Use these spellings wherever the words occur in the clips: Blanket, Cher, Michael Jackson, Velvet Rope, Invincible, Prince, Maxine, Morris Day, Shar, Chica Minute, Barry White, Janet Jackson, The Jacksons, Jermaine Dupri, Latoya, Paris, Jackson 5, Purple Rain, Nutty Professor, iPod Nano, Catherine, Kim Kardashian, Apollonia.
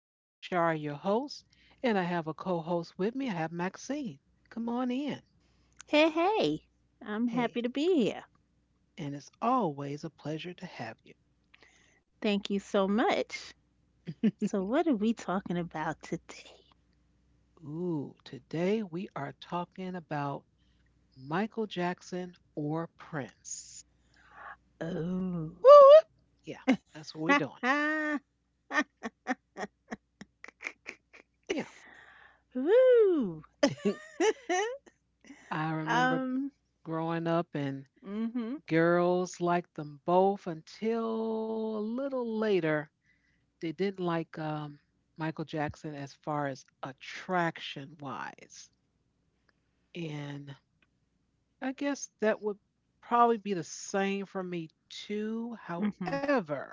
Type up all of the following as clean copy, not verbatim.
I am Shar, your host, and I have a co host with me. I have Maxine. Come on in. Hey, hey, I'm happy Hey, to be here. and it's always a pleasure to have Thank you so much. you. So, what are we talking about today? Ooh, today we are talking about Michael Jackson or Prince. Oh, Woo! Woo. Yeah, that's what we're doing. Yeah. woo. I remember um, growing up and mm-hmm, girls liked them both until a little later they didn't like Michael Jackson as far as attraction wise. And I guess that would probably be the same for me too. mm-hmm, However,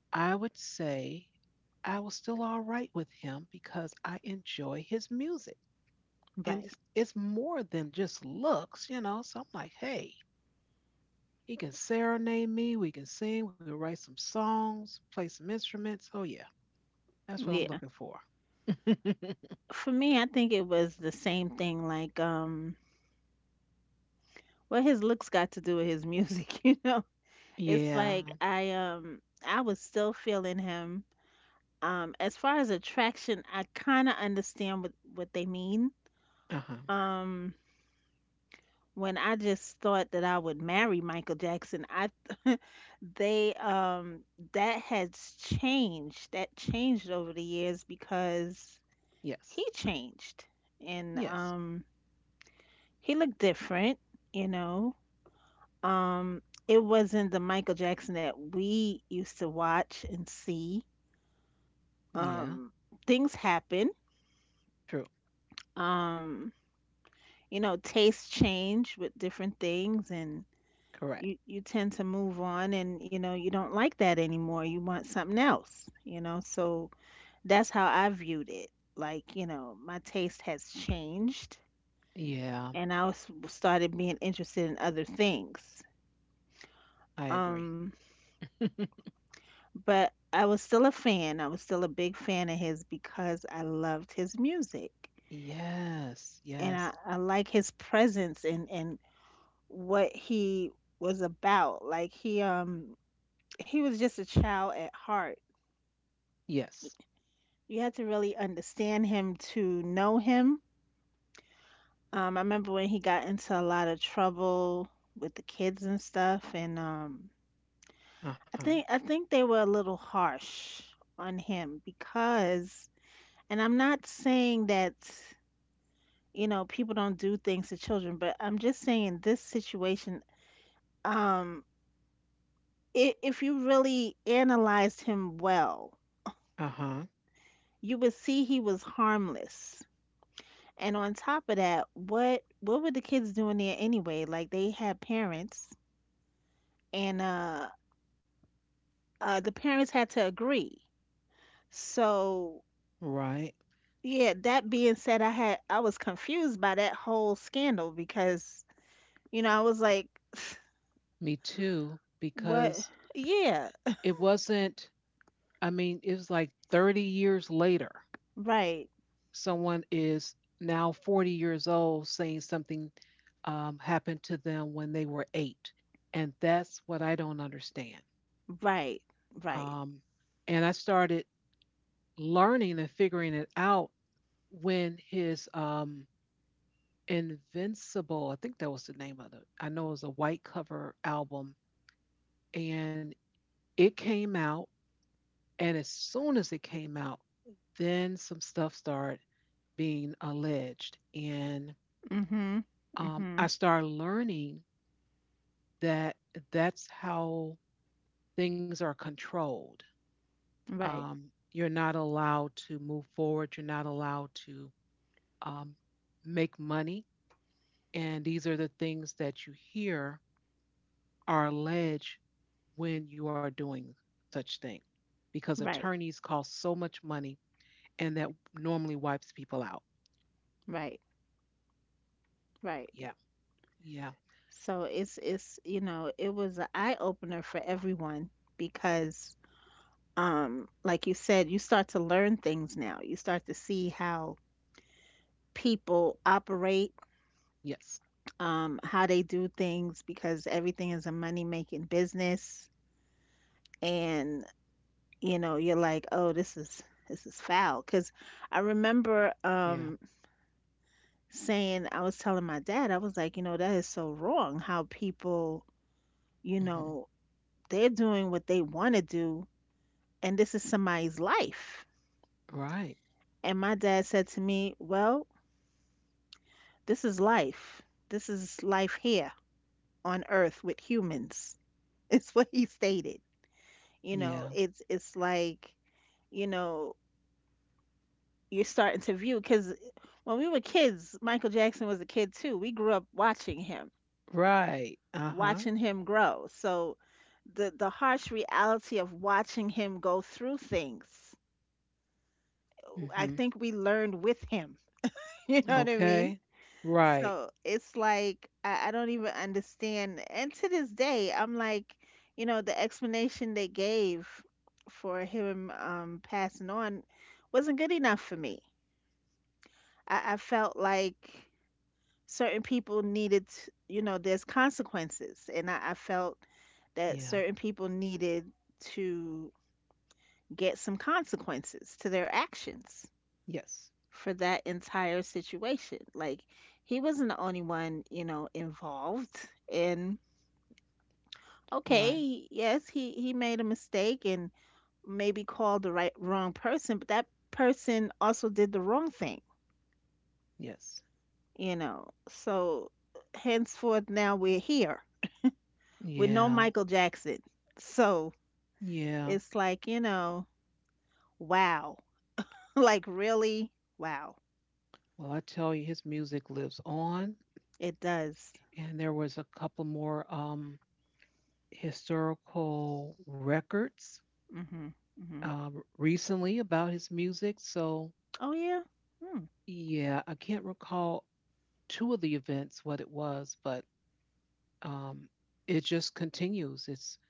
I would say I was still all right with him because I enjoy his music. And right. it's more than just looks, So I'm like, hey, he can serenade me. We can sing. We can write some songs, play some instruments. Oh, yeah. That's what Yeah. I'm looking for. For me, I think it was the same thing, like, what his looks got to do with his music, you know? It's like Yeah. I I was still feeling him. As far as attraction, I kind of understand what they mean. Uh-huh. Um, when I just thought that I would marry Michael Jackson, I they that has changed. That changed over the years because he Yes. changed and Yes. um he looked different, you know. Um it wasn't the Michael Jackson that we used to watch and see. Yeah. Um Things happen. True. Um you know, tastes change with different things and. you Correct. you tend to move on, and you know, you don't like that anymore, you want something else, you know, so that's how I viewed it, like, you know, my taste has changed, Yeah, and I was started being interested in other things, I agree. um but I was still a fan. I was still a big fan of his because I loved his music, Yes. and Yes. I like his presence, and what he was about. Like, he was just a child at heart. Yes. You had to really understand him to know him. I remember when he got into a lot of trouble with the kids and stuff, and I Uh-huh. think I think they were a little harsh on him because, and I'm not saying that, you know, people don't do things to children, but I'm just saying this situation, um, I if you really analyzed him well, Uh-huh. you would see he was harmless. And on top of that, what were the kids doing there anyway? Like, they had parents, and the parents had to agree. So, Right. yeah, that being said, I was confused by that whole scandal because, you know, I was like, Me too, what? because Yeah, it wasn't, I mean, it was like 30 years later, right. someone is now 40 years old saying something happened to them when they were eight. And that's what I don't understand. Right. Right. Um, and I started learning and figuring it out when his Invincible, I think that was the name of it. I know it was a white cover album and it came out, and as soon as it came out, then some stuff started being alleged, and Mhm. I Mhm. started learning that that's how things are controlled. Right. You're not allowed to move forward. You're not allowed to um, make money. And these are the things that you hear are alleged when you are doing such thing because Right. attorneys cost so much money and that normally wipes people out. Right. Right. Yeah. Yeah. So, you know, it was an eye opener for everyone because like you said, you start to learn things now. You start to see how people operate, Yes. How they do things because everything is a money-making business. And, you know, you're like, oh, this is foul. Because I remember Yeah. Saying, I was telling my dad, I was like, you know, that is so wrong how people, you Hmm. know, they're doing what they want to do, and this is somebody's life. Right. And my dad said to me, well, this is life. This is life here on earth with humans. It's what he stated. You Yeah. know, it's like, you know, you're starting to view cuz when we were kids, Michael Jackson was a kid too. We grew up Right. Uh huh. watching him grow. So the harsh reality of watching him go through things, I Hmm. think we learned with him. You know what I mean? Okay. Right. So it's like I don't even understand. And to this day, I'm like, you know, the explanation they gave for him passing on wasn't good enough for me. I felt like certain people you know, there's consequences, and I felt that Yeah. certain people needed to get some consequences to their actions, Yes. for that entire situation. Like, he wasn't the only one, you know, involved. And Right. okay, yes, he made a mistake and maybe called the wrong person, but that person also did the wrong thing, Yes. you know. So henceforth now we're here with no Yeah. Michael Jackson. So Yeah. it's like, you know, wow. Like, really? Wow. Well, I tell you, his music lives on. It does. And there was a couple more historical records Mhm. Mhm. Recently about his music. So, Oh yeah. Hmm. yeah, I can't recall two of the events what it was, but um, it just continues. It's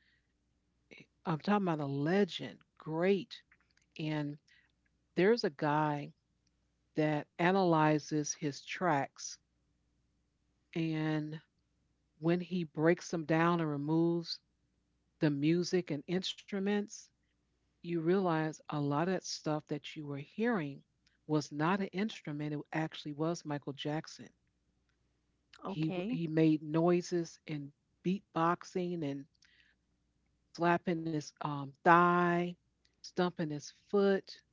I'm talking about a legend, great. And there's a guy that analyzes his tracks, and when he breaks them down and removes the music and instruments, you realize a lot of that stuff that you were hearing was not an instrument. It actually was Michael Jackson. He w- Okay. he made noises and beatboxing and slapping his thigh, stumping his foot,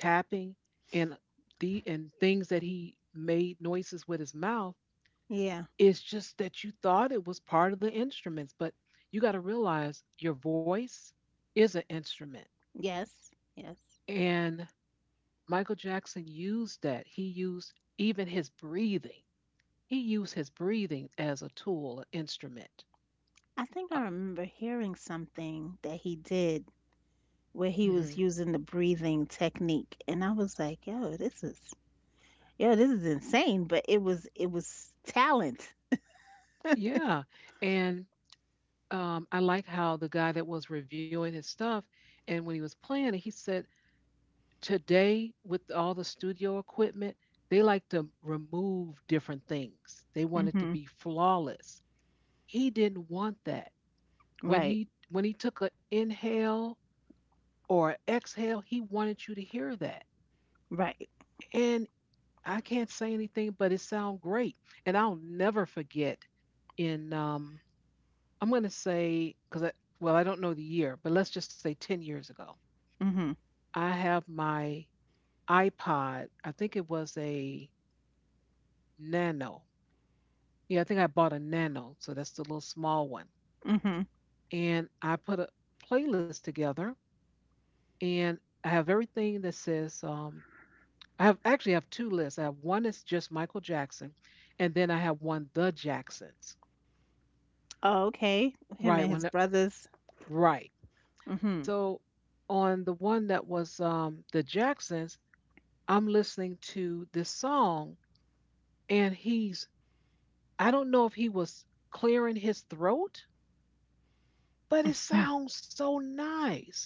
tapping, and the and things that he made noises with his mouth. Yeah. It's just that you thought it was part of the instruments, but you got to realize your voice is an instrument. Yes, yes. And Michael Jackson used that. He used even his breathing. He used his breathing as a tool, an instrument. I think I remember hearing something that he did where he Uh, was using the breathing technique, and I was like, "Yo, this is this is insane," but it was talent. Yeah. And I like how the guy that was reviewing his stuff and when he was playing it, he said, today with all the studio equipment, they like to remove different things. They want it to Mhm. be flawless. He didn't want that. When Right. he took an inhale or a exhale, he wanted you to hear that. Right. And I can't say anything, but it sounded great. And I'll never forget in I'm going to say, well, I don't know the year, but let's just say 10 years ago, Mhm. I have my iPod. I think it was a Nano. Yeah, I think I bought a Nano. So that's the little small one. Mhm. And I put a playlist together and I have everything that says, I have actually have two lists. I have one that's just Michael Jackson, and then I have one The Jacksons. Oh, okay. Him Right. and his When, brothers. right. Mhm. So on the one that was The Jacksons, I'm listening to this song and he's I don't know if he was clearing his throat, but it Mm. sounds so nice.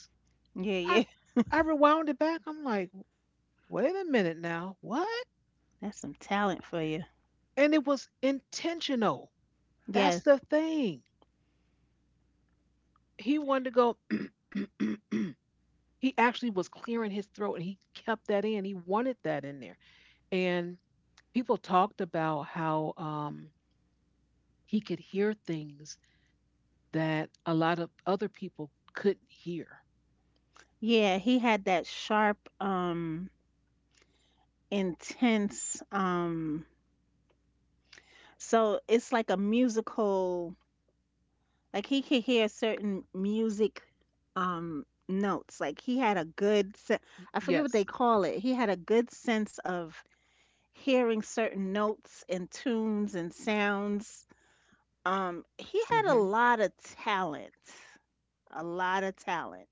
Yeah, I yeah. I rewound it back. I'm like, "Wait a minute now. What?" That's some talent for you. And it was intentional. That's Yeah. the thing. He wanted to go He actually was clearing his throat and he kept that in. He wanted that in there. And people talked about how he could hear things that a lot of other people couldn't hear. Yeah, he had that sharp intense so it's like a musical. Like, he could hear certain music notes. Like, he had a good Y- I forget what they Yes. call it. He had a good sense of hearing certain notes and tunes and sounds. He had a Hmm. lot of talent. A lot of talent.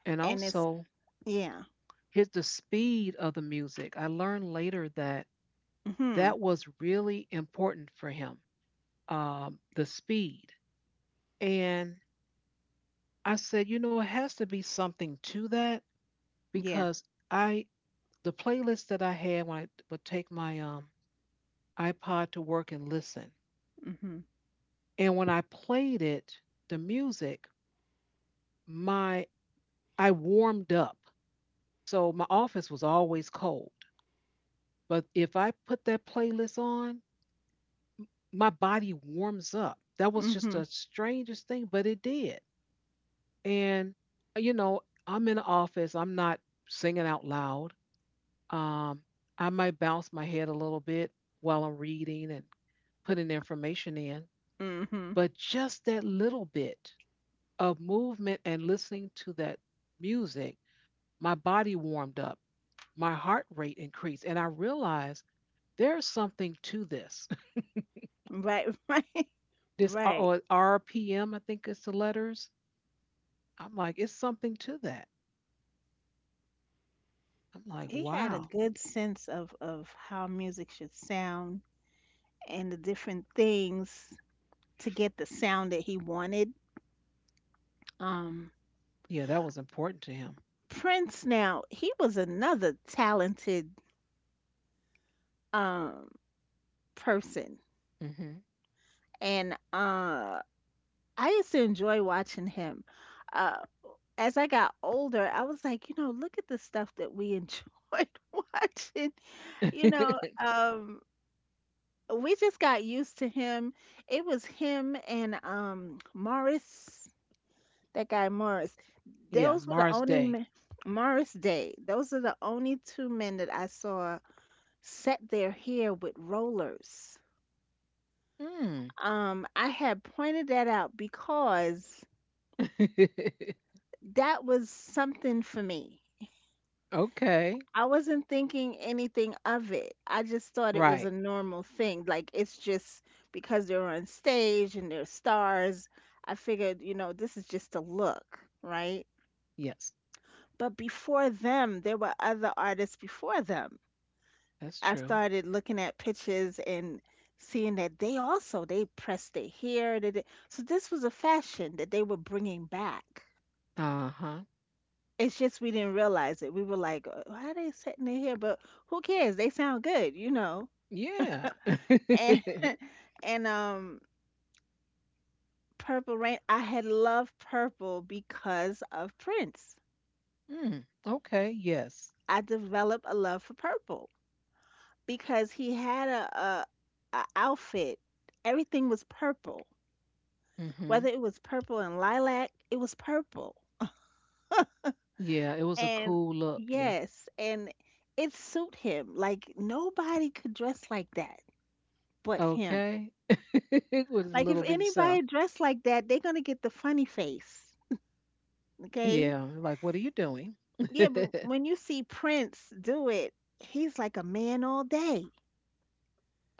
And And it's also, yeah. here's the speed of the music. I learned later that Mhm. that was really important for him, the speed. And I said, you know, it has to be something to that Yeah. because I, the playlist that I had when I would take my iPod to work and listen, Mhm. and when I played it, the music, my, I warmed up. So my office was always cold. But if I put that playlist on, my body warms up. That was just Mhm. the strangest thing, but it did. And, you know, I'm in the office, I'm not singing out loud. Um, I might bounce my head a little bit while I'm reading and putting the information in. Mhm. But just that little bit of movement and listening to that music, my body warmed up, my heart rate increased, and I realized there's something to this. Right, right. This R- Right. or RPM, think it's the letters. I'm like, it's something to that. I'm like, He had a wow. good sense of how music should sound and the different things to get the sound that he wanted. Um, Yeah, that was important to Prince now, he was another talented um person, him. Mhm. and I used to enjoy watching him. Uh as I got older, I was like, you know, look at the stuff that we enjoyed watching. You know, um we just got used to him. It was him and Morris, that guy Morris. Yeah, Those were the Mars only Day. men, Morris Day. Those are the only two men that I saw set their hair with rollers. Mm. I had pointed that out because that was something for me. Okay. I wasn't thinking anything of it. I just thought it was a Right. normal thing. Like, it's just because they're on stage and they're stars. I figured, you know, this is just a look, right? Yes, But before them, there were other artists before them. that's I true. started looking at pictures and seeing that they pressed their hair. They did. So this was a fashion that they were bringing back. Uh huh. It's just we didn't realize it. We were like, why are they setting their hair? But who cares? They sound good, you know." Yeah. And and Purple Rain. I had loved purple because of Prince. Mm. Okay. Yes. I developed a love for purple because he had a outfit. Everything was purple, whether Mhm. it was purple and lilac, it was purple. Yeah, it was a And cool look. Yeah. yes, and it suit him. Like, nobody could dress like that but him. Okay. With his Like, if little bitty self. anybody dressed like that, they're gonna get the funny face. Okay? Yeah, like what are you doing? Yeah, but when you see Prince do it, he's like a man all day.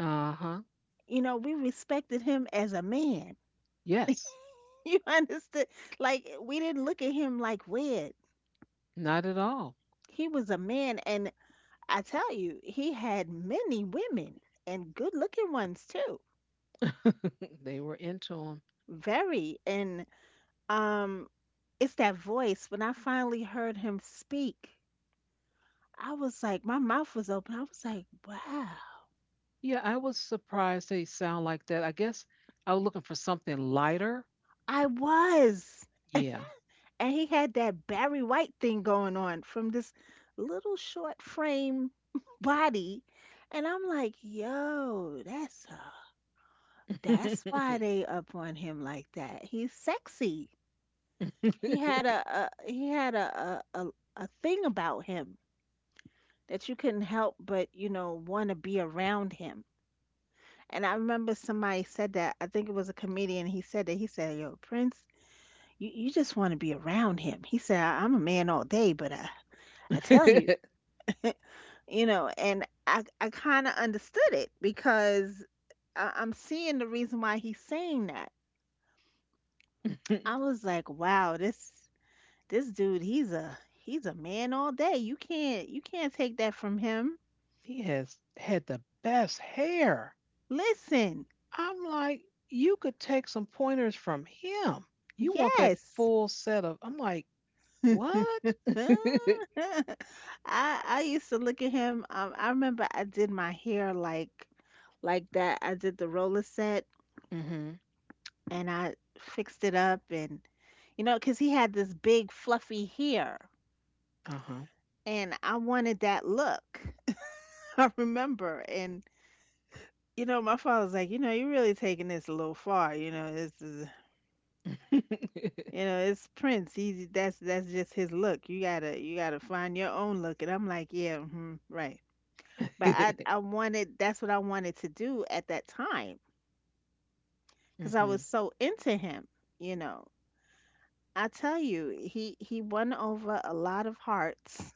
Uh-huh. You know, we respected him as a man. Yes. You understand? Like, we didn't look at him like weird. Not at all. He was a man, and I tell you, he had many women and good looking ones too. They were into them. Very. And um it's that voice. When I finally heard him speak, I was like, my mouth was open. I was like, wow. Yeah, I was surprised they sound like that. I guess I was looking for something lighter. I was. Yeah. And he had that Barry White thing going on from this little short frame body. And I'm like, yo, that's that's why they up on him like that. He's sexy. He had a he had a thing about him that you couldn't help but, you know, want to be around him. And I remember somebody said that. I think it was a comedian. He said that. He said, "Yo, Prince, you just want to be around him." He said, "I'm a man all day, but I tell you, you know." And I kind of understood it because I'm seeing the reason why he's saying that. I was like, wow, this dude, he's a man all day. You can't take that from him. He has had the best hair. Listen, I'm like, you could take some pointers from him. You want that yes. full set of I'm like, what? I I used to look at him. I remember I did my hair like that. I did the roller set, Mhm. and I fixed it up, and you know, 'cause he had this big fluffy hair, Uh-huh. and I wanted that look. I remember, and you know, my father was like, you know, you're really taking this a little far. You know, this is you know, it's Prince. He's that's just his look. You gotta find your own look. And I'm like, yeah, hmm, right. But I wanted that's what I wanted to do at that time because I was Mm-hmm. so into him. You know, I tell you, he won over a lot of hearts,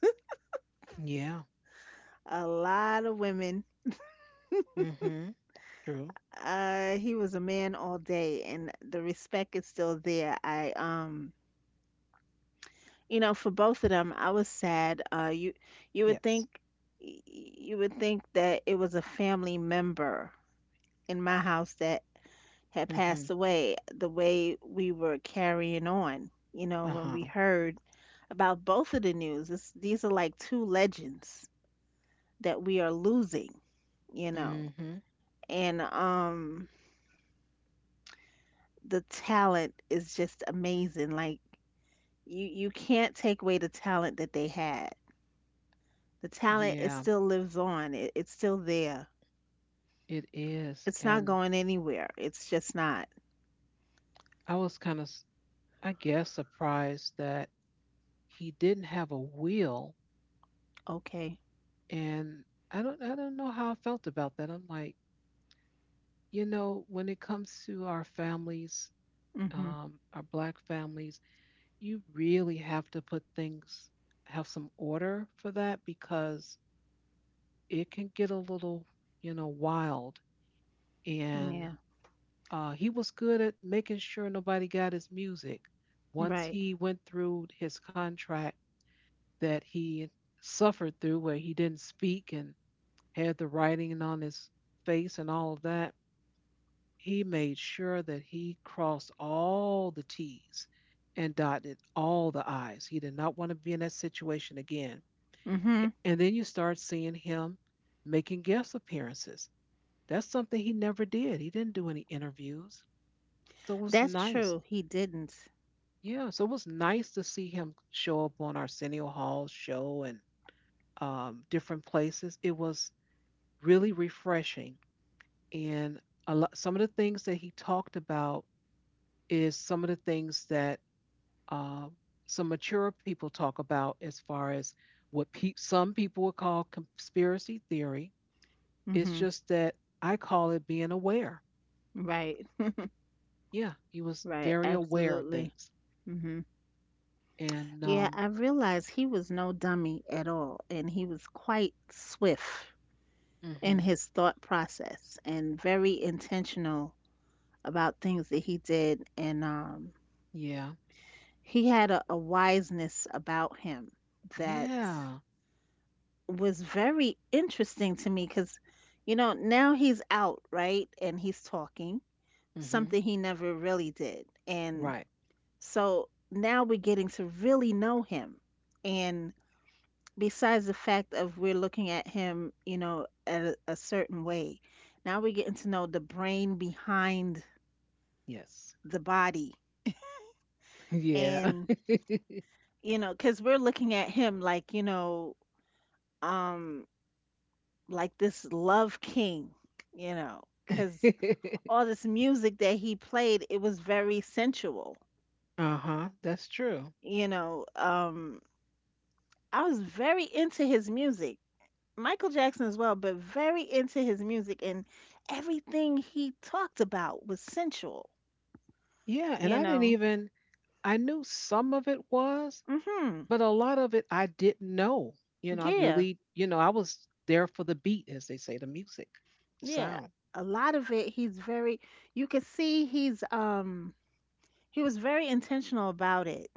Yeah. a lot of women. Mm-hmm. True. He was a man all day, and the respect is still there. I You know, for both of them, I was sad. You would think Yes. You would think that it was a family member in my house that had Mm-hmm. passed away. The way we were carrying on, you know, when we Uh-huh. heard about both of the news, these are like two legends that we are losing, you know, Mm-hmm. and the talent is just amazing. Like, you can't take away the talent that they had. The talent, it Yeah, still lives on. It's still there. it is. It's not And going anywhere. It's just not. I was kind of, I guess, surprised that he didn't have a will. Okay. And I don't know how I felt about that. I'm like, you know, when it comes to our families, Mhm. Our black families, you really have to put things, have some order for that because it can get a little, you know, wild and Yeah. He was good at making sure nobody got his music. Once Right. he went through his contract that he suffered through, where he didn't speak and had the writing on his face and all of that, he made sure that he crossed all the T's and dotted all the I's. He did not want to be in that situation again. A- Mhm. And then you start seeing him making guest appearances. That's something he never did. He didn't do any interviews. So it was That's nice. true. He didn't. Yeah, so it was nice to see him show up on Arsenio Hall's show and different places. It was really refreshing. And some of the things that he talked about is some of the things that um, some mature people talk about as far as what some people would call conspiracy theory. It's Mhm. just that I call it being aware. Right. Yeah, he was Right. very aware of Absolutely. things. hmm And Yeah, I realized he was no dummy at all, and he was quite swift in mhm, his thought process and very intentional about things that he did. And yeah, he had a wiseness about him that yeah. was very interesting to me because, you know, now he's out, right? And he's talking, Hmm. something he never really did. And Right. so now we're getting to really know him. And besides the fact of we're looking at him, you know, at a certain way, now we're getting to know the brain behind Yes. the body. Yeah. And, you know, because we're looking at him like, you know, um, like this love king, you know, because Uh all this music that he played, it was very sensual. huh. That's true. You know, I was very into his music, Michael Jackson as well, but very into his music, and everything he talked about was sensual. Yeah. And You I didn't know, even, I knew some of it was, mm hmm, but a lot of it I didn't know. I yeah, really, you know, I was there for the beat, as they say, the music, the yeah. sound. A lot of it, he's very. You can see he's he was very intentional about it.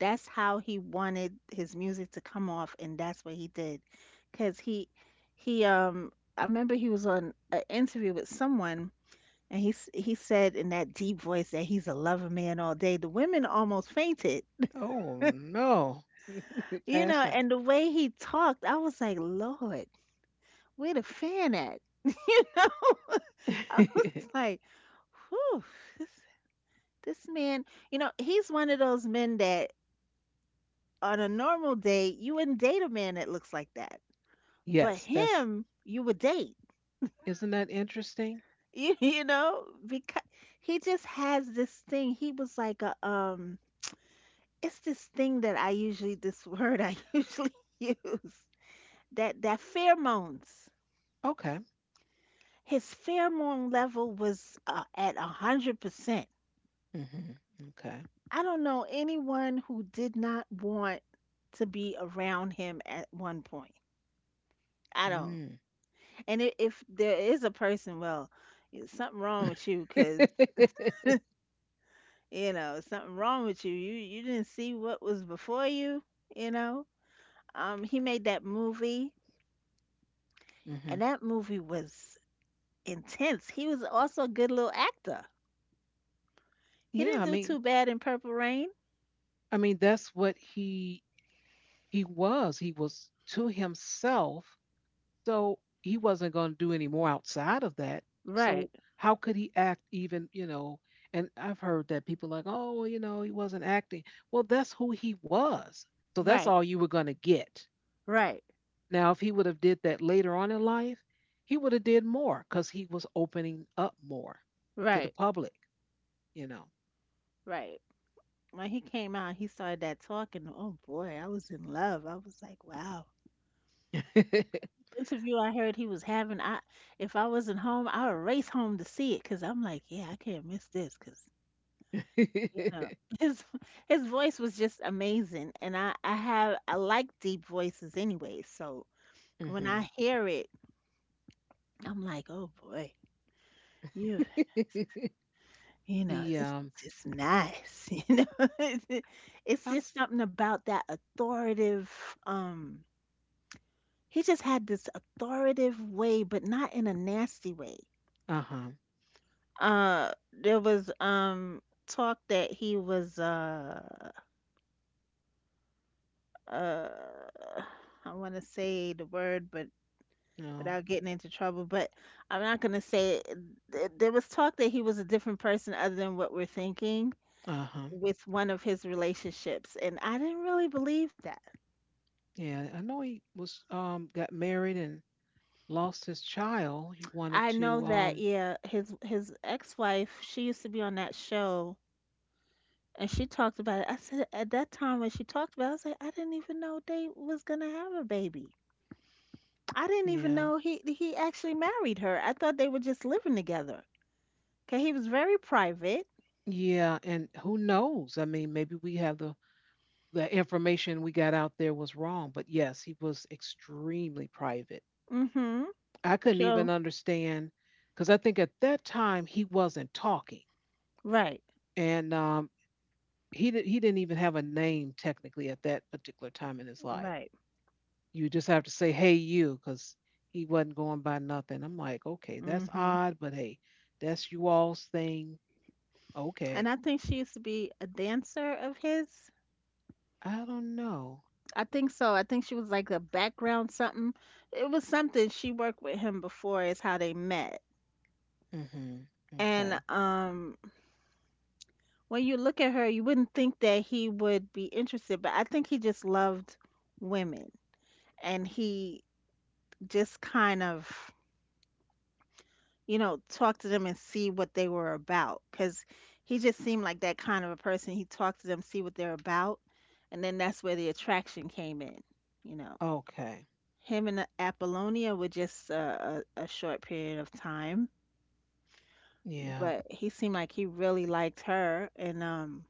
That's how he wanted his music to come off, and that's what he did, because he I remember he was on an interview with someone and he said in that deep voice that he's a lover man all day. The women almost fainted, Oh, no. you know, Pass out. and the way he talked, I was like, lord, where the fan at, you know, I was like, whew, this, this man, you know, he's one of those men that on a normal day you wouldn't date a man that looks like that. But Yes. Him, you would date, Isn't that interesting? You know, because he just has this thing. He was like a it's this thing that I usually, this word I usually use, that that pheromones. Okay. His pheromone level was at 100%. Hmm. Okay. I don't know anyone who did not want to be around him at one point. I don't. Mm. And if there is a person, well, something wrong with you, 'cause you know, something wrong with you. You didn't see what was before you, you know. He made that movie, Hmm. and that movie was intense. He was also a good little actor. He Yeah, didn't I do mean, too bad in Purple Rain. That's what he was. He was to himself. So he wasn't going to do any more outside of that. Right, So how could he act even, you know, and I've heard that people like, "Oh, well, you know, he wasn't acting." Well, that's who he was. So that's right, all you were going to get. right, Now, if he would have did that later on in life, he would have did more cuz he was opening up more to the right. public, you know. Right. When he came out, he started that talking. Oh boy, I was in love. I was like, wow. Interview I heard he was having, I if I wasn't home, I would race home to see it because I'm like, yeah, I can't miss this because, you know, his his voice was just amazing, and I like deep voices anyway. So when Hmm. I hear it, I'm like, oh boy, you know, He this is just nice. You know, it's it- it's I'm just s- something about that authoritative. Um, he just had this authoritative way, but not in a nasty way. uh-huh. There was talk that he was uh I want to say the word, but No. without getting into trouble, but I'm not going to say it. There was talk that he was a different person other than what we're thinking Uh-huh. with one of his relationships, and I didn't really believe that. Yeah, I know he was got married and lost his child. He wanted I to know that, yeah, his ex-wife, she used to be on that show and she talked about it. I said at that time when she talked about it, I was like, I didn't even know they was going to have a baby. I didn't even yeah. know he actually married her. I thought they were just living together. Okay, he was very private. Yeah, and who knows? I mean, maybe we have the information we got out there was wrong, but yes, he was extremely private. Mhm. I couldn't even So, understand because I think at that time he wasn't talking, right. and he didn't even have a name technically at that particular time in his life. Right. You just have to say, hey, you, because he wasn't going by nothing. I'm like, okay, that's hmm odd, but hey, that's you all's thing. And Okay. I think she used to be a dancer of his. I don't know. I think so. I think she was like a background something. It was something she worked with him before is how they met. Hmm. And Okay. When you look at her, you wouldn't think that he would be interested, but I think he just loved women, and he just kind of, you know, talk to them and see what they were about. Because he just seemed like that kind of a person. He talked to them, see what they're about, and then that's where the attraction came in. You know, Okay. him and Apollonia were just a short period of time, Yeah. but he seemed like he really liked her. And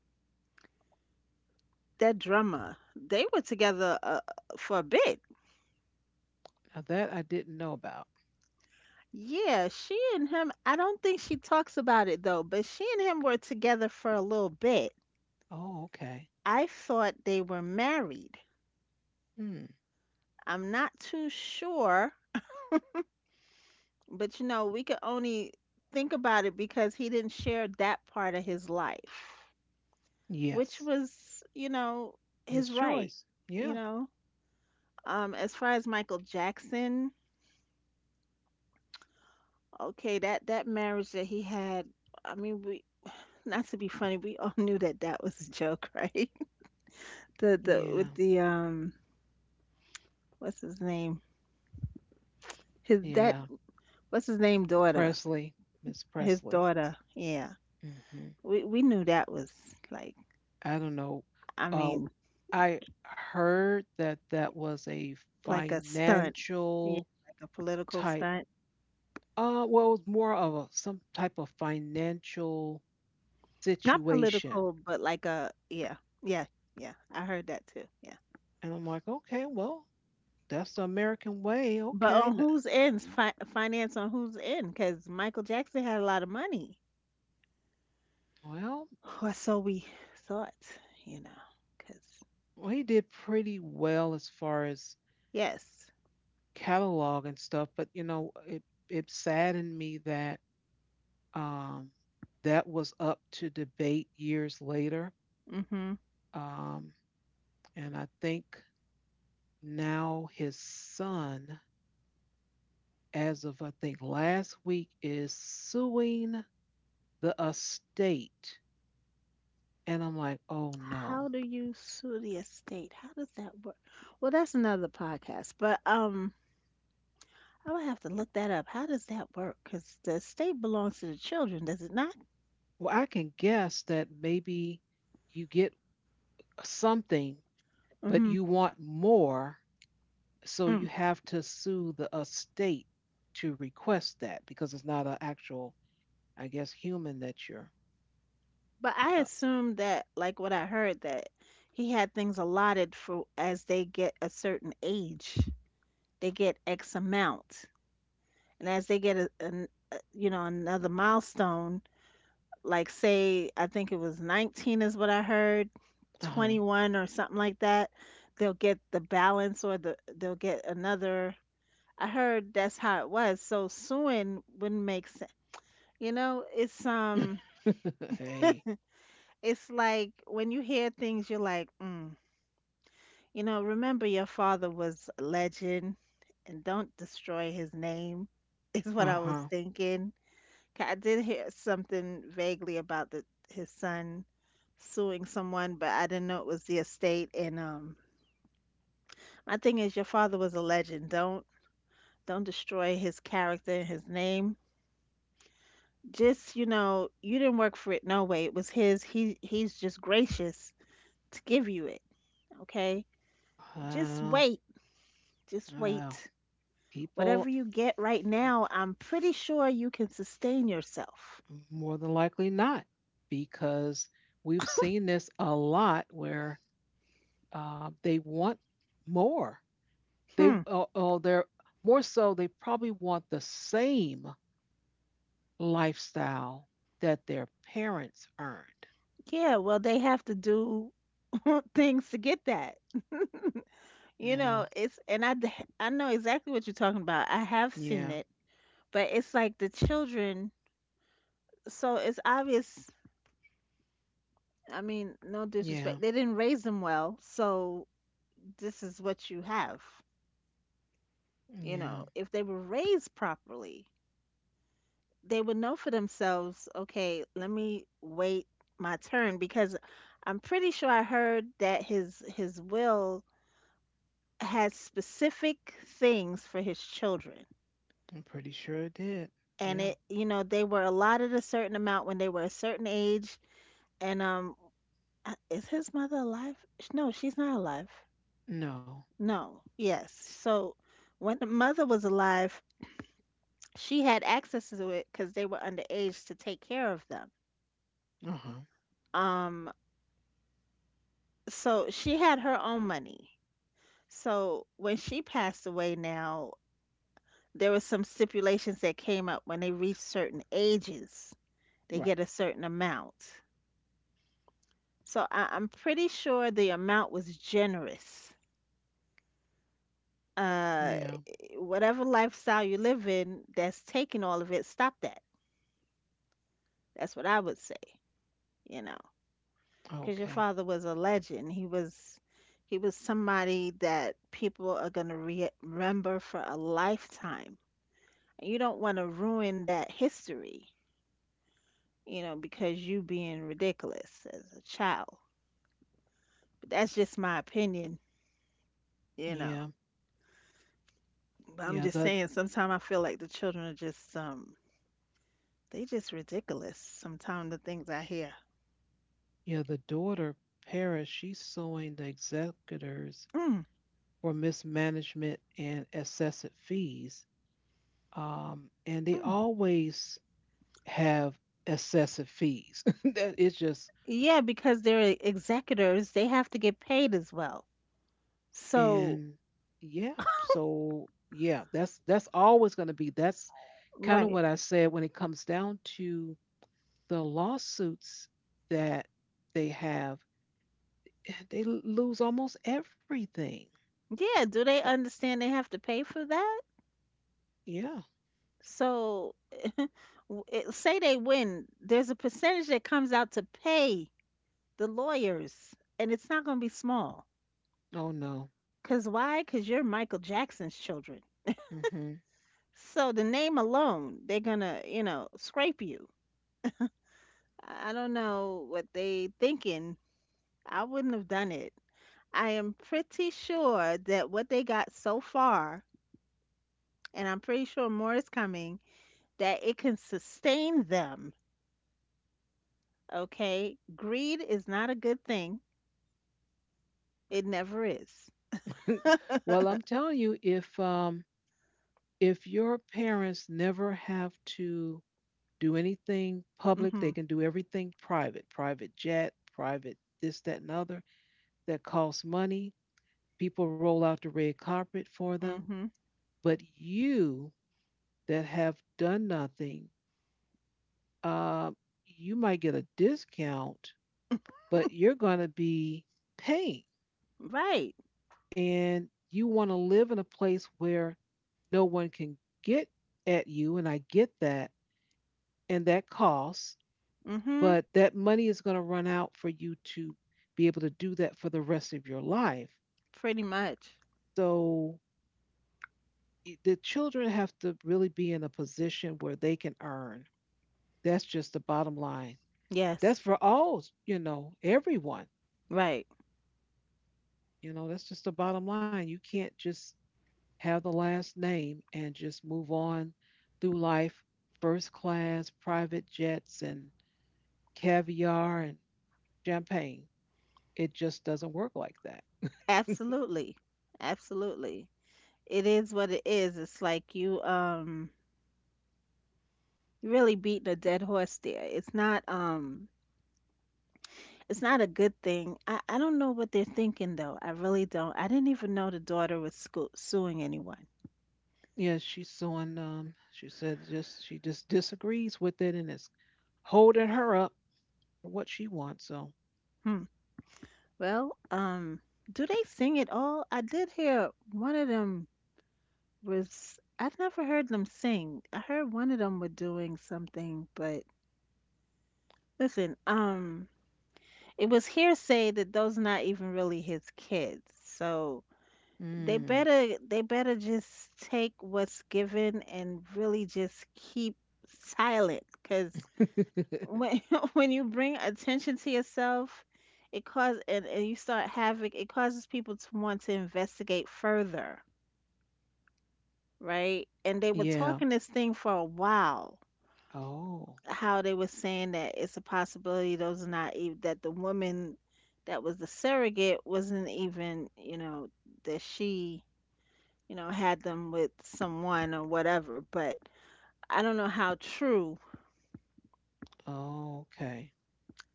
that drummer, they were together for a bit. Now that I didn't know about. Yeah, she and him, I don't think she talks about it though, but she and him were together for a little bit. Oh, okay. I thought they were married. Hmm. I'm not too sure, but you know, we could only think about it because he didn't share that part of his life, which Yes. was, you know, His his right, choice. you Yeah. know. As far as Michael Jackson, okay, that marriage that he had, I mean, we not to be funny, we all knew that that was a joke, right? The Yeah. With the what's his name? His that Yeah. what's his name daughter? Presley. Miss His Presley. daughter, yeah. Hmm. We knew that was like, I don't know. I Uh, mean, I heard that that was a like a stunt. Yeah, financial like a political type. stunt. Well, it was more of a, some type of financial Not situation. political, but like a, yeah, yeah, yeah. I heard that too. Yeah. And I'm like, okay, well, that's the American way. But Okay. on n- whose ends finance on whose end? Because Michael Jackson had a lot of money, Well, or so we thought, you know. Because he did pretty well as far as yes, catalog and stuff, but you know, it saddened me that um that was up to debate years later. mm-hmm. Um, and I think now his son, as of I think last week, is suing the estate. And I'm like, oh How no. do you sue the estate? How does that work? Well, that's another podcast. But I would have to look that up. How does that work? Because the estate belongs to the children, does it not? Well, I can guess that maybe you get something, but Mm-hmm. you want more. So you Mm. have to sue the estate to request that because it's not an actual, I guess, human that you're But I Uh, assumed that, like what I heard, that he had things allotted for as they get a certain age, they get X amount, and as they get a, an a you know another milestone, like say I think it was 19 is what I heard, uh-huh. 21 or something like that, they'll get the balance, or they'll get another. I heard that's how it was. So suing wouldn't make sense. You know, hey. it's like when you hear things, you're like, mm. You know, remember your father was a legend and don't destroy his name, is what I was Uh-huh. thinking. 'Cause I did hear something vaguely about his son suing someone, but I didn't know it was the estate. And my thing is, your father was a legend. Don't destroy his character and his name. Just, you know, you didn't work for it no way. It was his. He's just gracious to give you it. Okay? Just Well, wait. Just well, wait. people Whatever you get right mm, now, I'm pretty sure you can sustain yourself. more than likely not, because we've seen this a lot where they want more. They Hmm. They're more, so they probably want the same lifestyle that their parents earned. Yeah, well, they have to do things to get that. You Yeah, know, it's, and I know exactly what you're talking about. I have seen yeah, it, but it's like the children, so it's obvious. I mean, no yeah, disrespect. They didn't raise them well, so this is what you have. You yeah. know, if they were raised properly, they would know for themselves, okay, let me wait my turn because I'm pretty sure I heard that his will has specific things for his children. I'm pretty sure it did. And Yeah. it, you know, they were allotted a certain amount when they were a certain age. And is his mother alive? No, she's not alive. No. No, yes. So when the mother was alive, she had access to it because they were underage to take care of them. Uh-huh. Um, so she had her own money. So when she passed away now, there were some stipulations that came up when they reach certain ages, they Right. get a certain amount. So I'm pretty sure the amount was generous. Uh, Yeah. Whatever lifestyle you live in that's taking all of it, stop that. That's what I would say, you know, because your Okay. father was a legend. He was somebody that people are gonna remember for a lifetime. You don't want to ruin that history, you know, because you being ridiculous as a child. But that's just my opinion, you Yeah. know. But I'm Yeah. just The saying, sometimes I feel like the children are just they just ridiculous. Sometimes the things I hear. yeah. The daughter Paris. She's suing the executors Mm, for mismanagement and excessive fees. And they mm. always have excessive fees. that it's just Yeah, because they're executors, they have to get paid as well. So, and yeah, so yeah, that's always going to be that's kind of right. what I said when it comes down to the lawsuits that they have. They l- lose almost everything. Yeah, do they But understand they have to pay for that? yeah, So, it, say they win, there's a percentage that comes out to pay the lawyers, and it's not going to be small. oh no. Cause why? Cause you're Michael Jackson's children. hmm So the name alone, they're gonna, you know, scrape you. I don't know what they thinking. I wouldn't have done it. I am pretty sure that what they got so far, and I'm pretty sure more is coming, that it can sustain them. Okay, greed is not a good thing. It never is. Well, I'm telling you, if your parents never have to do anything public, they Mhm. can do everything private, private jet, private this, that, and other that costs money. People roll out the red carpet for them. Mhm. But you that have done nothing, uh, you might get a discount, but you're going to be paying. Right. And you want to live in a place where no one can get at you. And I get that. And that costs. Mhm. But that money is going to run out for you to be able to do that for the rest of your life. Pretty much. So I- the children have to really be in a position where they can earn. That's just the bottom line. That's Yes. for all, you know, everyone. Right. You know, that's just the bottom line. You can't just have the last name and just move on through life first class, private jets, and caviar and champagne. It just doesn't work like that. Absolutely. Absolutely. It is what it is. It's like you you really beating a dead horse there. It's not it's not a good thing. I don't know what they're thinking though. I really don't. I didn't even know the daughter was suing anyone. Yeah, she's suing. She said just she just disagrees with it, and it's holding her up for what she wants. So, Hmm. Well, do they sing at all? I did hear one of them was I've never heard them sing. I heard one of them were doing something, but listen, it was hearsay that those not even really his kids. So they mm. better they better just take what's given and really just keep silent because when when you bring attention to yourself it cause and you start havoc. It causes people to want to investigate further, right? And they were yeah. talking this thing for a while, Oh, how they were saying that it's a possibility those are not even, that the woman that was the surrogate wasn't even, that she, had them with someone or whatever. But I don't know how true. oh, okay.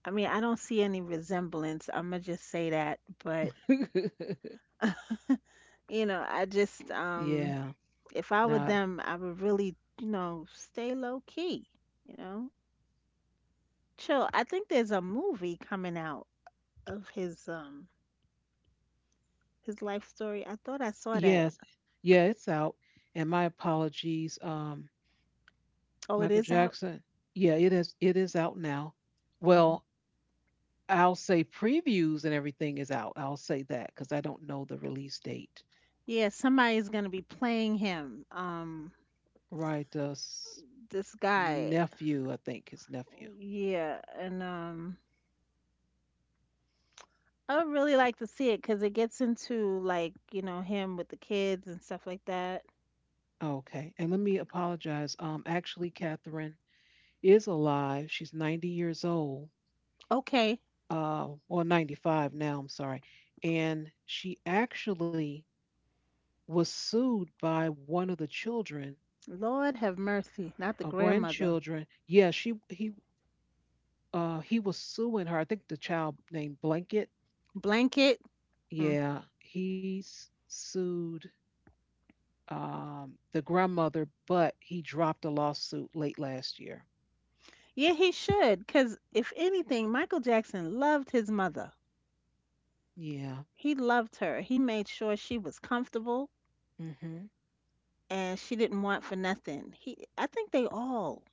I mean, I don't see any resemblance. I'm gonna just say that. But you know, I just yeah. if I were Now them I would really, stay low key, you know chill. I think there's a movie coming out of his his life story. I thought I saw yes. that. Yeah, it's out. And my apologies, Oh, it Michael is out. Jackson. Yeah, it is out now. Mhm. Well, I'll say previews and everything is out. I'll say that because I don't know the release date. Yeah, somebody's gonna be playing him. Right, s- This guy. nephew, I think his nephew. Yeah, and I would really like to see it because it gets into, like, you know, him with the kids and stuff like that. Okay. And let me apologize. Actually, Catherine is alive. She's 90 years old. Okay, Well, 95 now, I'm sorry. And she actually was sued by one of the children Lord have mercy, not the or grandmother. grandchildren. Yeah, she he was suing her. I think the child named Blanket. Blanket. Mm. Yeah, he s- sued the grandmother, but he dropped the lawsuit late last year. Yeah, he should. Cause if anything, Michael Jackson loved his mother. Yeah. He loved her. He made sure she was comfortable Mhm. and she didn't want for nothing. He, I think they all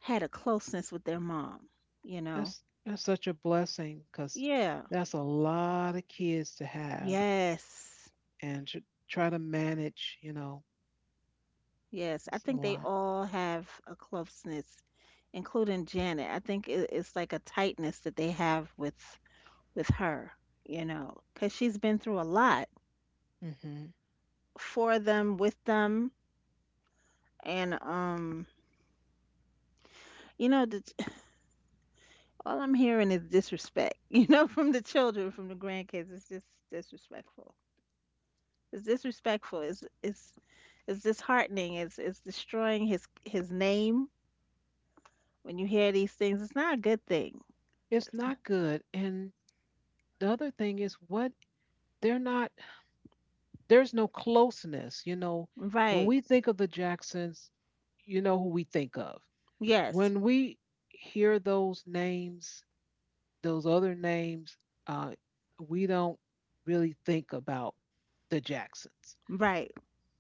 had a closeness with their mom, you know? That's such a blessing cuz Yeah. that's a lot of kids to have Yes. and to try to manage, you know. Yes. I That's a think they lot. all have a closeness, including Janet. I think it's like a tightness that they have with her, you know, cuz she's been through a lot Mhm. for them, with them, and you know, the, all I'm hearing is disrespect, you know, from the children, from the grandkids. It's just disrespectful. It's disrespectful. It's it's disheartening. It's destroying his name when you hear these things. It's not a good thing. It's not good, and the other thing is what they're not, there's no closeness, you know, when Right. we think of the Jacksons, you know who we think of Yes. when we hear those names. Those other names, uh, we don't really think about the Jacksons. Right.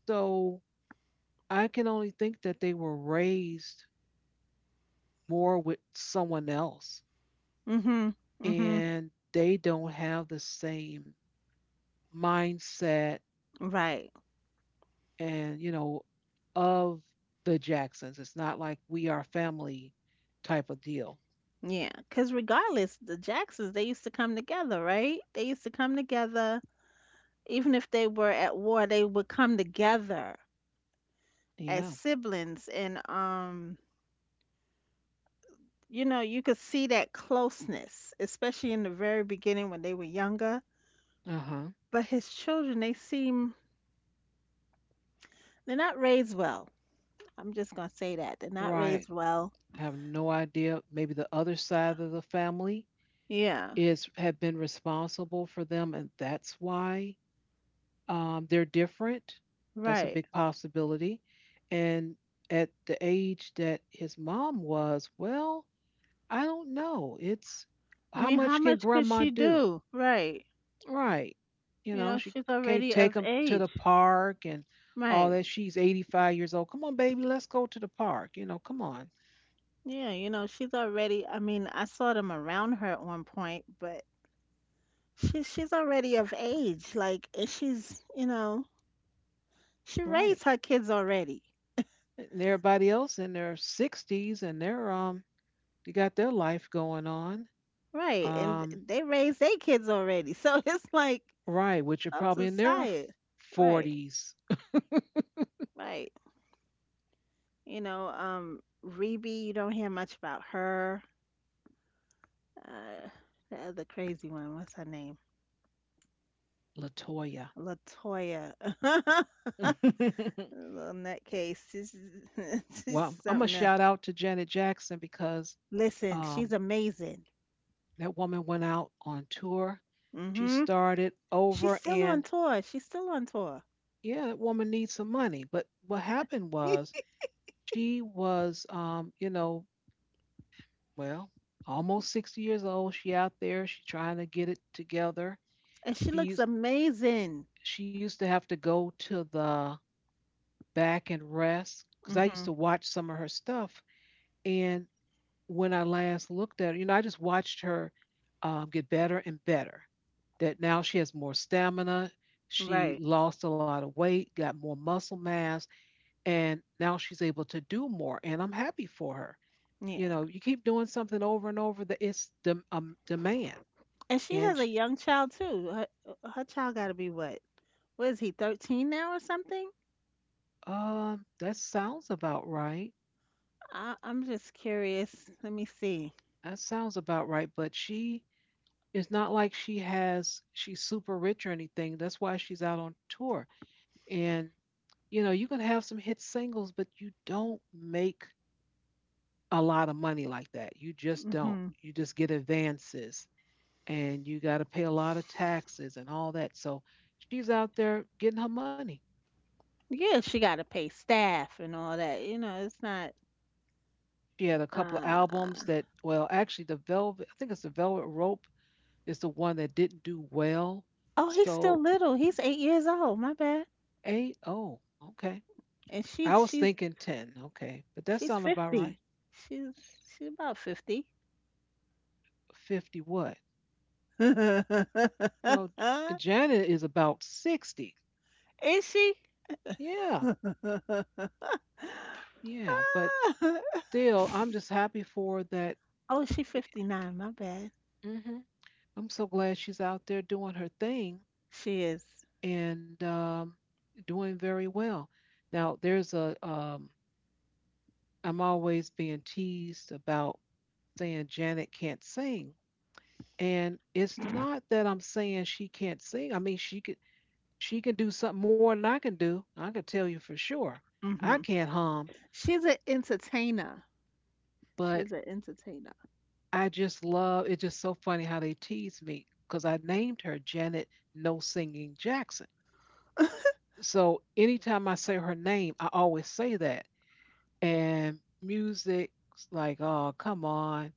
So I can only think that they were raised more with someone else, Mhm. Mhm. and they don't have the same mindset, Right. and, you know, of the Jacksons. It's not like we are family type of deal. Yeah. Cuz regardless, the Jacksons, they used to come together, right? They used to come together even if they were at war. They would come together as Yeah. siblings, and you know, you could see that closeness, especially in the very beginning when they were younger. Uh huh. But his children, they seem they're not raised well. I'm just gonna say that they're not raised Right. well. I have no idea. Maybe the other side of the family Yeah, is have been responsible for them, and that's why, they're different. That's a right. big possibility. And at the age that his mom was, well, I don't know. It's I how mean, how much can much could grandma she do? do? Right. Right. You You know, know, she she's can't already take of them to the age. park and all that. Right. She's 85 years old. Come on, baby, let's go to the park. You know, come on. Yeah, you know, she's already. I mean, I saw them around her at one point, but she's already of age. Like, and she's you know she Right. raised her kids already, And everybody else in their 60s and they're, they got their life going on. right? And Um, they raised their kids already. So it's like right, which are folks probably is in their tired, right? 40s. Right. You know, Rebe, you don't hear much about her. Uh, the other crazy one, what's her name? Latoya. Latoya. Little nutcase. She's, Well, I'm going to shout she's out to something to Janet Jackson because, um, listen. She's amazing. that woman went out on tour. She Hmm. started She's over still on in tour. She's still on tour, yeah, that woman needs some money. But what happened was she was, you know, well, almost 60 years old. She out there. She trying to get it together. and she She looks used amazing. she used to have to go to the back and rest because I used Hmm. to watch some of her stuff. And when I last looked at her, you know, I just watched her get better and better. That now she has more stamina. She Right. lost a lot of weight, got more muscle mass. And now she's able to do more, and I'm happy for her. You Yeah. know, you keep doing something over and over that it's the demand. And she And has a sh young child too. Her, her child got to be what? What is he? 13 now or something? um, that sounds about right. I'm just curious. Let me see. That sounds about right, but she, it's not like she has, she's super rich or anything, that's why she's out on tour. And you know, you can have some hit singles, but you don't make a lot of money like that, you just don't, Mhm. you just get advances, and you got to pay a lot of taxes and all that. So she's out there getting her money. Yeah, she gotta pay staff and all that. You know, it's not. She had a couple of Uh. albums that, well, actually, the Velvet, I think it's the Velvet Rope is the one that didn't do well. Oh, he's still So little. He's 8 years old. My bad. eight, oh, okay. And I she's was she's thinking 10, okay, but that she's sounds about 50. right. She's she's about 50. 50 what? No, J- Janet is about 60. Is she? Yeah, yeah, but still, I'm just happy for that. Oh, she 59. My bad. Hmm I'm so glad she's out there doing her thing She is. and, doing very well. Now, there's a, I'm always being teased about saying Janet can't sing. And it's not that I'm saying she can't sing. I mean, she could, she can do something more than I can do. I can tell you for sure. I Hmm. can't hum, She's an entertainer. but She's an entertainer. I just love, it's just so funny how they tease me because I named her Janet No Singing Jackson. So anytime I say her name, I always say that. And music's like, oh, come on.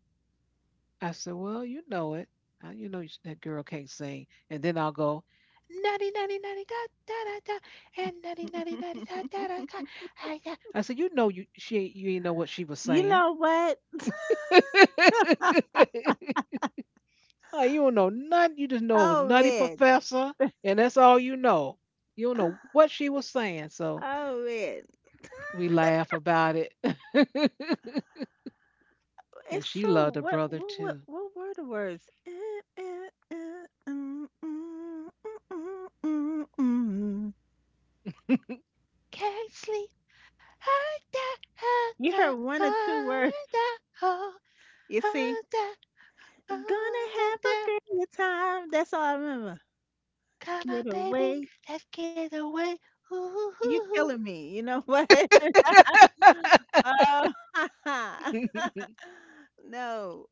I said, well, you know it. You know sh- that girl can't sing. And then I'll go, nutty, nutty, nutty, da, da, da, da, and nutty, nutty, nutty, da, da, da, da, I got-" I said, you know, you she ain't, you ain't know what she was You saying. know what? Oh, you don't know nothing. You just know it was Oh Nutty man. Professor, and that's all you know. You don't know what she was saying. So Oh man. we laugh about it. And It's she true. loved her What brother what what too. what were the words? Eh, eh, eh, mm, mm, mm, mm, mm, mm. Can't sleep. Ah, da, ah, You da, heard one or two ah, words. da, da, oh, You see, ah, da, gonna ah, da, have da. a good time. That's all I remember. Come Get on, baby, away. let's get away. Ooh, ooh, You ooh. killing me. You know what? Oh, no.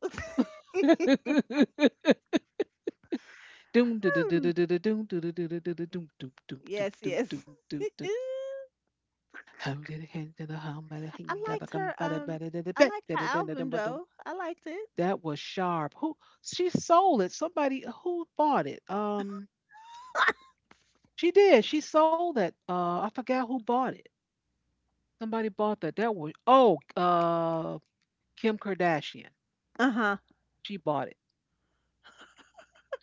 Doom, doo, doo, doo, Hmm. doo, doo, doo, doom, doo, doo, doo, doo, doo, doo, doom, doom, doom, doom, Yes, doom, yes. doom, doo, doo. How it hand to the hum, bada I hing, gada liked gum, her. bada bada da da I ba, liked da her da da da album dum ba dum. though. I liked it. That was sharp. Who she sold it? Somebody who bought it? She did. She sold that. I forgot who bought it. Somebody bought that. That was oh, Kim Kardashian. Uh-huh. She bought it.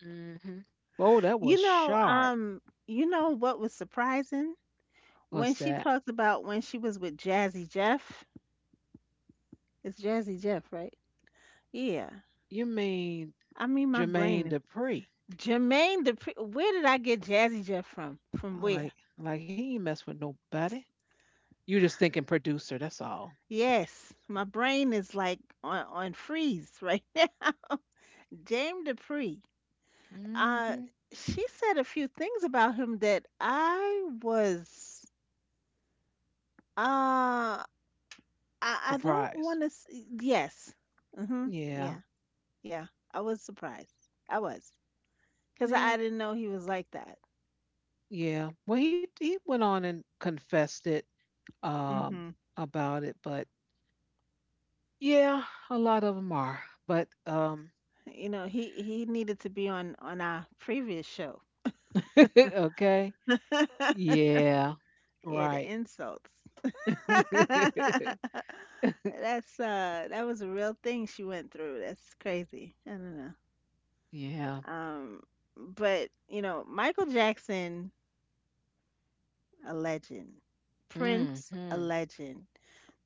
Hmm Oh, that was You know, sharp. um, you know what was surprising? What's When she that? talked about when she was with Jazzy Jeff. It's Jazzy Jeff, right? Yeah. You mean I mean, my brain Jermaine is Dupri? Jermaine Dupri. Where did I get Jazzy Jeff from? From I where? like, I'm like he ain't mess with nobody. You just thinking producer. That's all. Yes, my brain is like on freeze right now. Jame Dupree. Uh, Mm-hmm. she said a few things about him that I was, uh, I, I don't want Surprise. to, yes. Mm-hmm. Yeah. Yeah, Yeah, I was surprised. I was because I yeah, didn't know he was like that. yeah. Well, he went on and confessed it um Hmm. about it, but yeah, a lot of them are, but You know, he needed to be on our previous show. okay. Yeah, Yeah, right. the insults. That's that was a real thing she went through. That's crazy. I don't know. yeah. Um, but you know, Michael Jackson, a legend. Prince, a Mm-hmm. legend.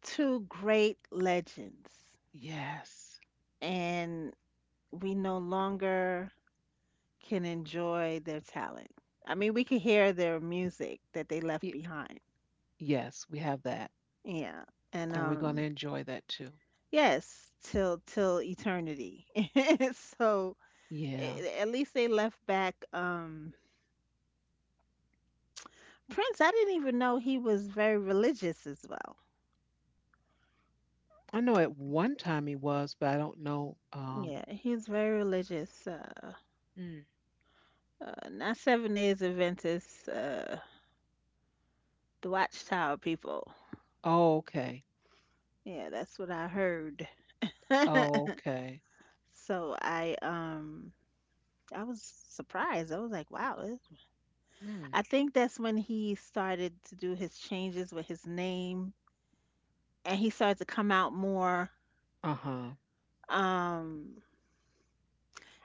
Two great legends, Yes. and we no longer can enjoy their talent. I mean, we can hear their music that they Y- left behind. yes, we have that, Yeah. And and we're going to enjoy that too. yes, till eternity. So Yeah, a- at least they left back Prince, I didn't even know he was very religious as well. I know at one time he was, but I don't know. Yeah, he's very religious. Mm. Not Seven Days Adventist, the Watchtower people. Oh, okay. Yeah, that's what I heard. Oh, okay. So I I was surprised. I was like, wow. It- Mm. I think that's when he started to do his changes with his name, and he started to come out more. Uh huh. Um,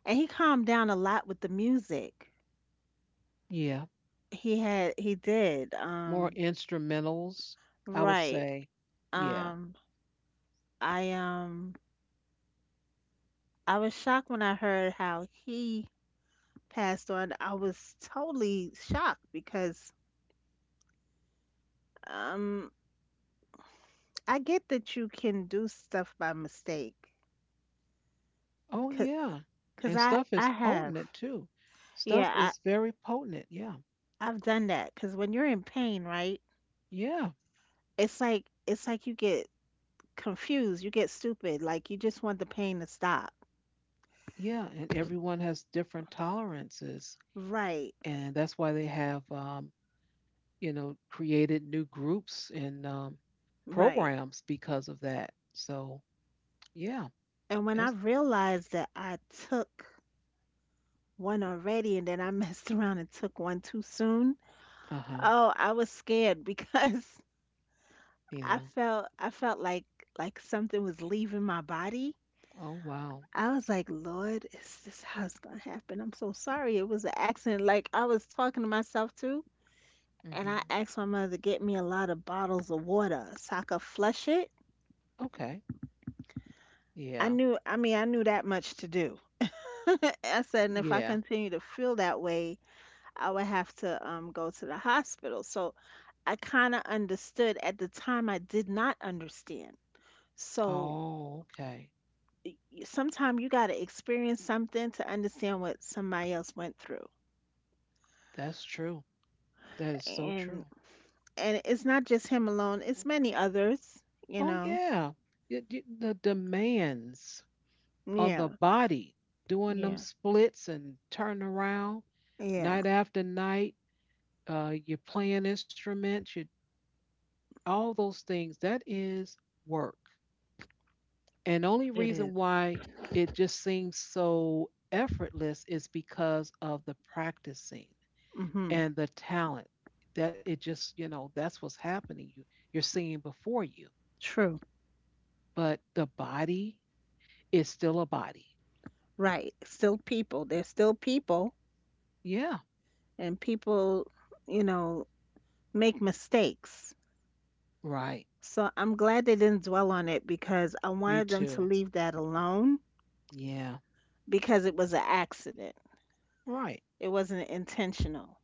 and he calmed down a lot with the music. Yeah. He had, he did. More instrumentals, I would Right. say. Yeah. Um, I I was shocked when I heard how he passed on. I was totally shocked because, um, I get that you can do stuff by mistake, mistake. Oh 'Cause, yeah. 'cause And I, stuff is I have. potent too. Stuff Yeah, I, is very potent. Yeah. I've done that because when you're in pain, right? Yeah. It's like you get confused, you get stupid, like you just want the pain to stop. Yeah. And everyone has different tolerances. Right, And that's why they have you know, created new groups and right. programs because of that. So yeah. And when I That's realized that I took one already and then I messed around and took one too soon, uh-huh. oh, I was scared because I Yeah. felt I felt like something was leaving my body. Oh wow. I was like, Lord, is this how it's gonna happen? I'm so sorry. It was an accident. Like I was talking to myself too. And I hmm asked my mother to get me a lot of bottles of water so I could flush it. Okay. I Yeah. knew, I mean, I knew that much to do. I said, and if I Yeah. continue to feel that way, I would have to go to the hospital. So I kind of understood. At the time, I did not understand. So Oh, okay. sometimes you got to experience something to understand what somebody else went through. That's true. That is so And true. and it's not just him alone, it's many others, you Oh know. yeah. Y- y- The demands on the Yeah. body doing them Yeah. splits and turning around Yeah. night after night, you're playing instruments, you all those things, that is work. And only It reason is. why it just seems so effortless is because of the practicing Mhm. and the talent that it just, you know, that's what's happening. You're seeing before you. True. But the body is still a body. Right. Still people. They're still people, Yeah. and people, you know, make mistakes. Right. So I'm glad they didn't dwell on it because I Me wanted them to too. leave that alone Yeah. because it was an accident. Right. It wasn't intentional,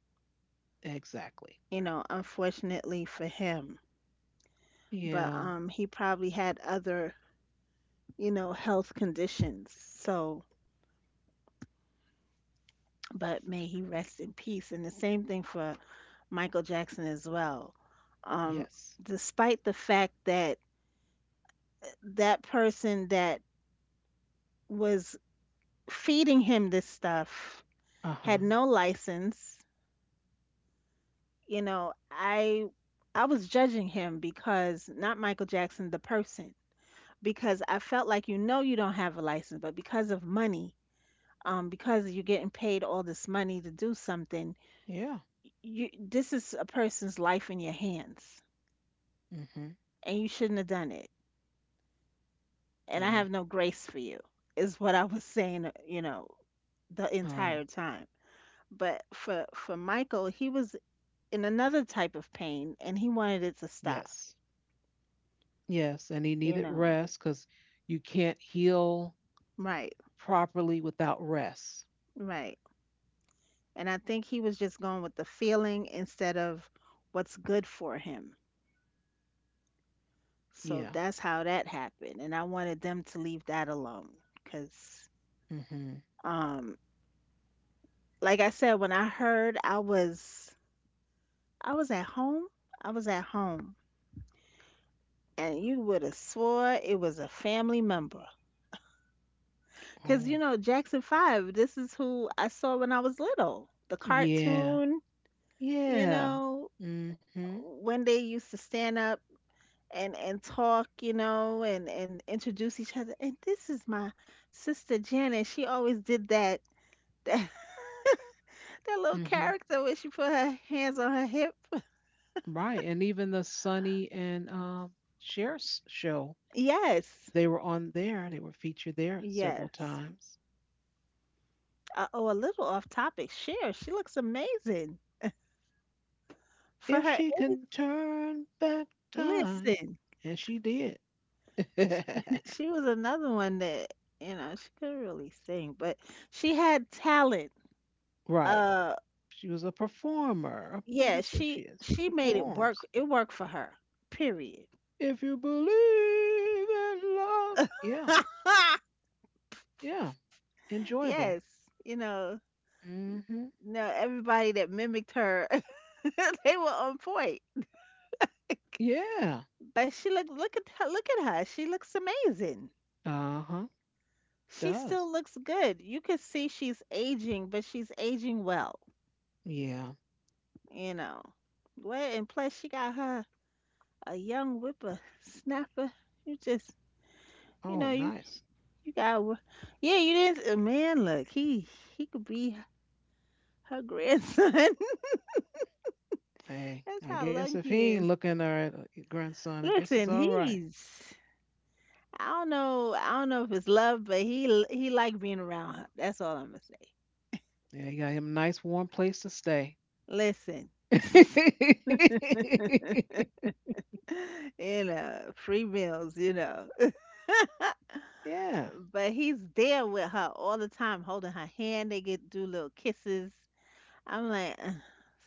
Exactly. you know, unfortunately for him. But Yeah. He probably had other, you know, health conditions. So, but may he rest in peace. And the same thing for Michael Jackson as well. Um Yes. despite the fact that that person that was feeding him this stuff Uh huh. had no license. You know, I was judging him, because not Michael Jackson, the person, because I felt like you know you don't have a license, but because of money, because you're getting paid all this money to do something, Yeah. you this is a person's life in your hands, hmm and you shouldn't have done it. And I have Well, no grace for you, is what I was saying, you know, the oh, entire time. But for Michael, he was in another type of pain and he wanted it to stop, yes. Yes. And he you needed know. rest because you can't heal Right, properly without rest. right. And I think he was just going with the feeling instead of what's good for him. So Yeah. that's how that happened. And I wanted them to leave that alone cuz hmm um like I said when I heard I was at home. I was at home, and you would have swore it was a family member. Because, you Oh, know, Jackson 5, this is who I saw when I was little. The yeah. cartoon, you Yeah. know, hmm hmm when they used to stand up and talk, you know, and introduce each other. And this is my sister Janet. She always did that, that, that little character where she put her hands on her hip. Right. And even the Sunny and, Cher's show, Yes, they were on there. They were featured there several yes. times. Oh, a little off topic. Cher, she looks amazing for If her she age. can turn back time, Listen. and she did. She was another one that you know she couldn't really sing but she had talent. right. uh She was a performer. Oh, yeah, that's what she she is. she made it work, Performs. it worked for her, period. If you believe in love. Yeah. Yeah. Yes, Enjoyable. you know. Mm-hmm. No, everybody that mimicked her they were on point. Yeah. But she look, look at her, she looks amazing. Uh-huh. She still Does. looks good. You can see she's aging but she's aging well, Yeah. you know. Well, and plus she got her a young whipper snapper. You just, you know, Oh, you nice. you got, wo- yeah, you didn't. Man, look, he could be her grandson. That's Hey, I how guess lucky if he he ain't is. looking at her grandson, I guess Listen, it's all right. he's. I don't know. I don't know if it's love, but he like being around her. That's all I'm gonna say. Yeah, he got him a nice warm place to stay. Listen, you know, free meals, you know. Yeah. But he's there with her all the time, holding her hand. They get do little kisses. I'm like, "Ugh,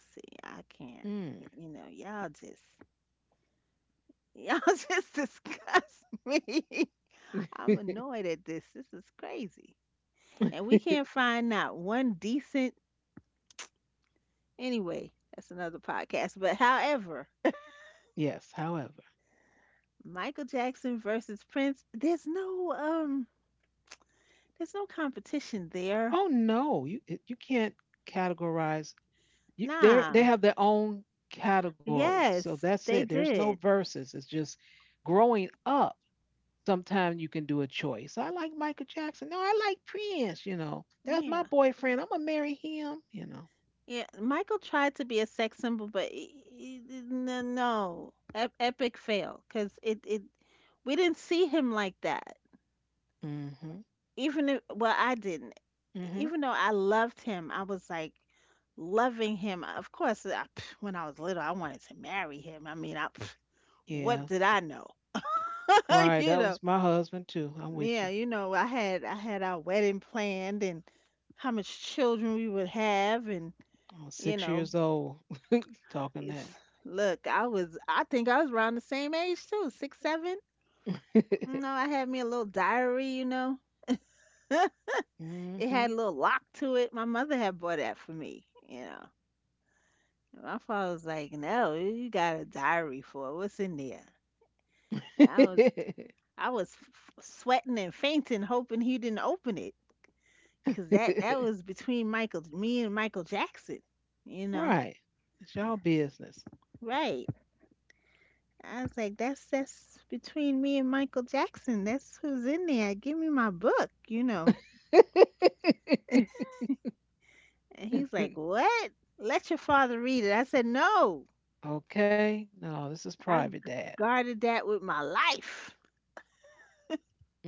see, I can't. Mm. You know, y'all just, y'all just disgust me. I'm annoyed at this. This is crazy. And we can't find not one decent. Anyway, that's another podcast. But however, yes. However, Michael Jackson versus Prince, there's no competition there. oh no, you it- you can't categorize. You they Nah. have their own category, so Yes, that's it. they There's no did. verses. It's just growing up. Sometimes you can do a choice. I like Michael Jackson. No, I like Prince. You know, that's my Yeah. boyfriend. I'm gonna marry him. You know. Yeah, Michael tried to be a sex symbol, but no, no, epic fail because it we didn't see him like that. Mhm. Even if, well, I didn't. Mhm. Even though I loved him, I was like loving him. Of course, I, pff, when I was little, I wanted to marry him. I mean, I, pff, Yeah. what did I know? Right. You That know, was my husband too. I'm with yeah, you. you know, I had our wedding planned and how much children we would have, and I was you six know. years old talking It's, that. look, I was, I think I was around the same age too, six, seven. You know, I had me a little diary, you know. It had mhm. a little lock to it. My mother had bought that for me, you know. And my father was like, no, you got a diary for it. What's in there? And I was, sweating and fainting, hoping he didn't open it, 'cause that was between Michael, me and Michael Jackson, you know. right. It's y'all business. Right. I was like, that's between me and Michael Jackson. That's who's in there. Give me my book, you know. And he's like, what? Let your father read it. I said, no. Okay. No, this is I g- private, Dad. guarded that with my life.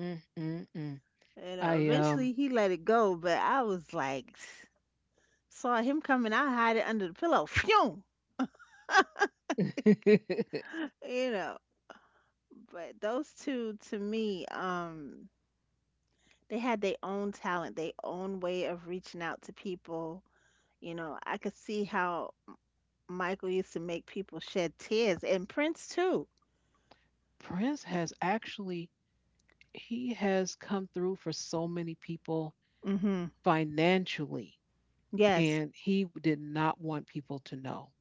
Mm, mm, mm. You know, I eventually um. he let it go, but I was like, saw him coming, I hide it under the pillow. Phew! You know, but those two to me, they had their own talent, their own way of reaching out to people. You know, I could see how Michael used to make people shed tears, and Prince too. Prince has actually he has come through for so many people Hmm. financially, Yes. and he did not want people to know.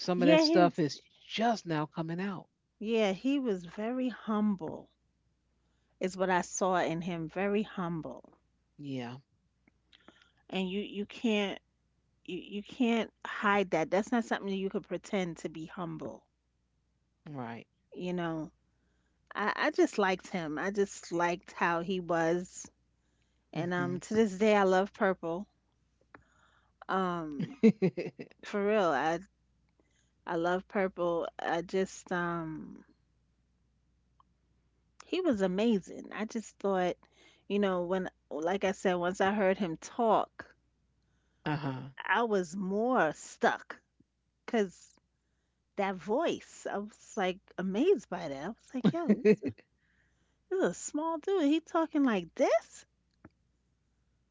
Some of that Yeah, stuff he's. is just now coming out. Yeah, he was very humble, is what I saw in him, very humble. Yeah, And you can't you can't hide that. That's not something that you could pretend to be humble, right. you know. I just liked him. I just liked how he was. And Mhm. to this day I love purple. Um for real, I love purple. I just he was amazing. I just thought, you know, when, like I said, once I heard him talk, Uh-huh. I was more stuck because that voice, I was like amazed by that. I was like, yo, this this is a small dude. He talking like this?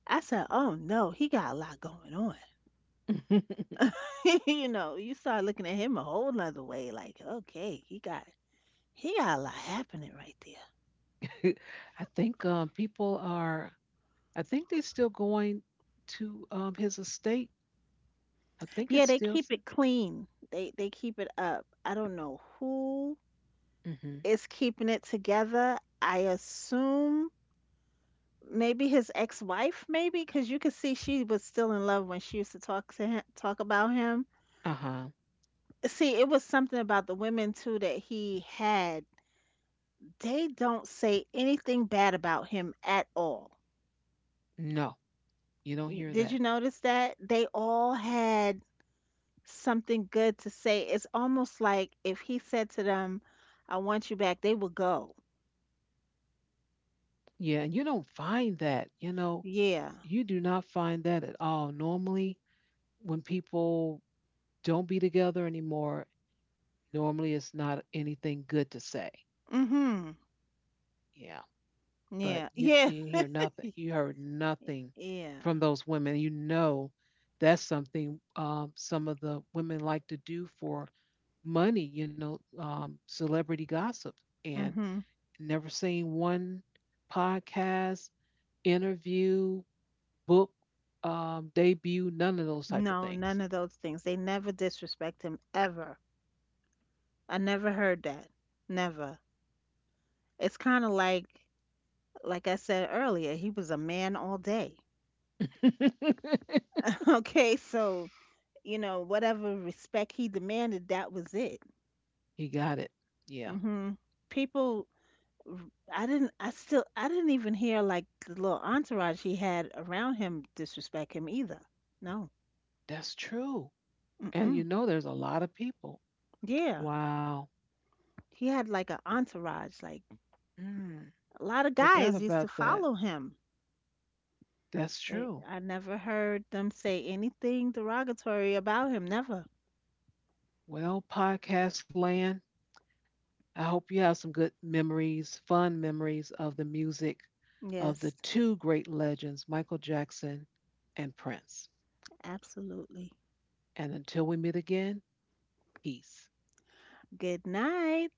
I said, oh no, he got a lot going on. You know, you start looking at him a whole nother way, like, okay, he got a lot happening right there. I think people are. I think they're still going to his estate. I think it's Yeah, they still. keep it clean. They keep it up. I don't know who Mm-hmm. is keeping it together. I assume maybe his ex-wife, maybe because you could see she was still in love when she used to talk to him, talk about him. Uh huh. See, it was something about the women too that he had. They don't say anything bad about him at all. No, you don't You- hear Did that. you notice that? They all had something good to say. It's almost like if he said to them, "I want you back," they would go. Yeah, and you don't find that. You know, Yeah. you do not find that at all. Normally, when people don't be together anymore, normally it's not anything good to say. Mhm. Yeah. But Yeah. you Yeah. didn't hear nothing. You heard nothing Yeah. from those women. You know, that's something, some of the women like to do for money, you know, celebrity gossip. And Mm-hmm. never seen one podcast, interview, book, debut, none of those type of No, none things. of those things. They never disrespect him ever. I never heard that. Never. It's kind of like I said earlier, he was a man all day. Okay, so, you know, whatever respect he demanded, that was it. he got it. Yeah, Mhm. People, I still I didn't even hear like the little entourage he had around him disrespect him either. No. that's true. And you Mm-mm. know, there's a lot of people. Yeah. Wow. He had like an entourage. Like Mm. a lot of Forgot guys used to about that. follow him. That's They, true. I never heard them say anything derogatory about him. Never. Well, podcast land, I hope you have some good memories, fun memories of the music of the Yes, two great legends, Michael Jackson and Prince. absolutely. And until we meet again, peace. Good night.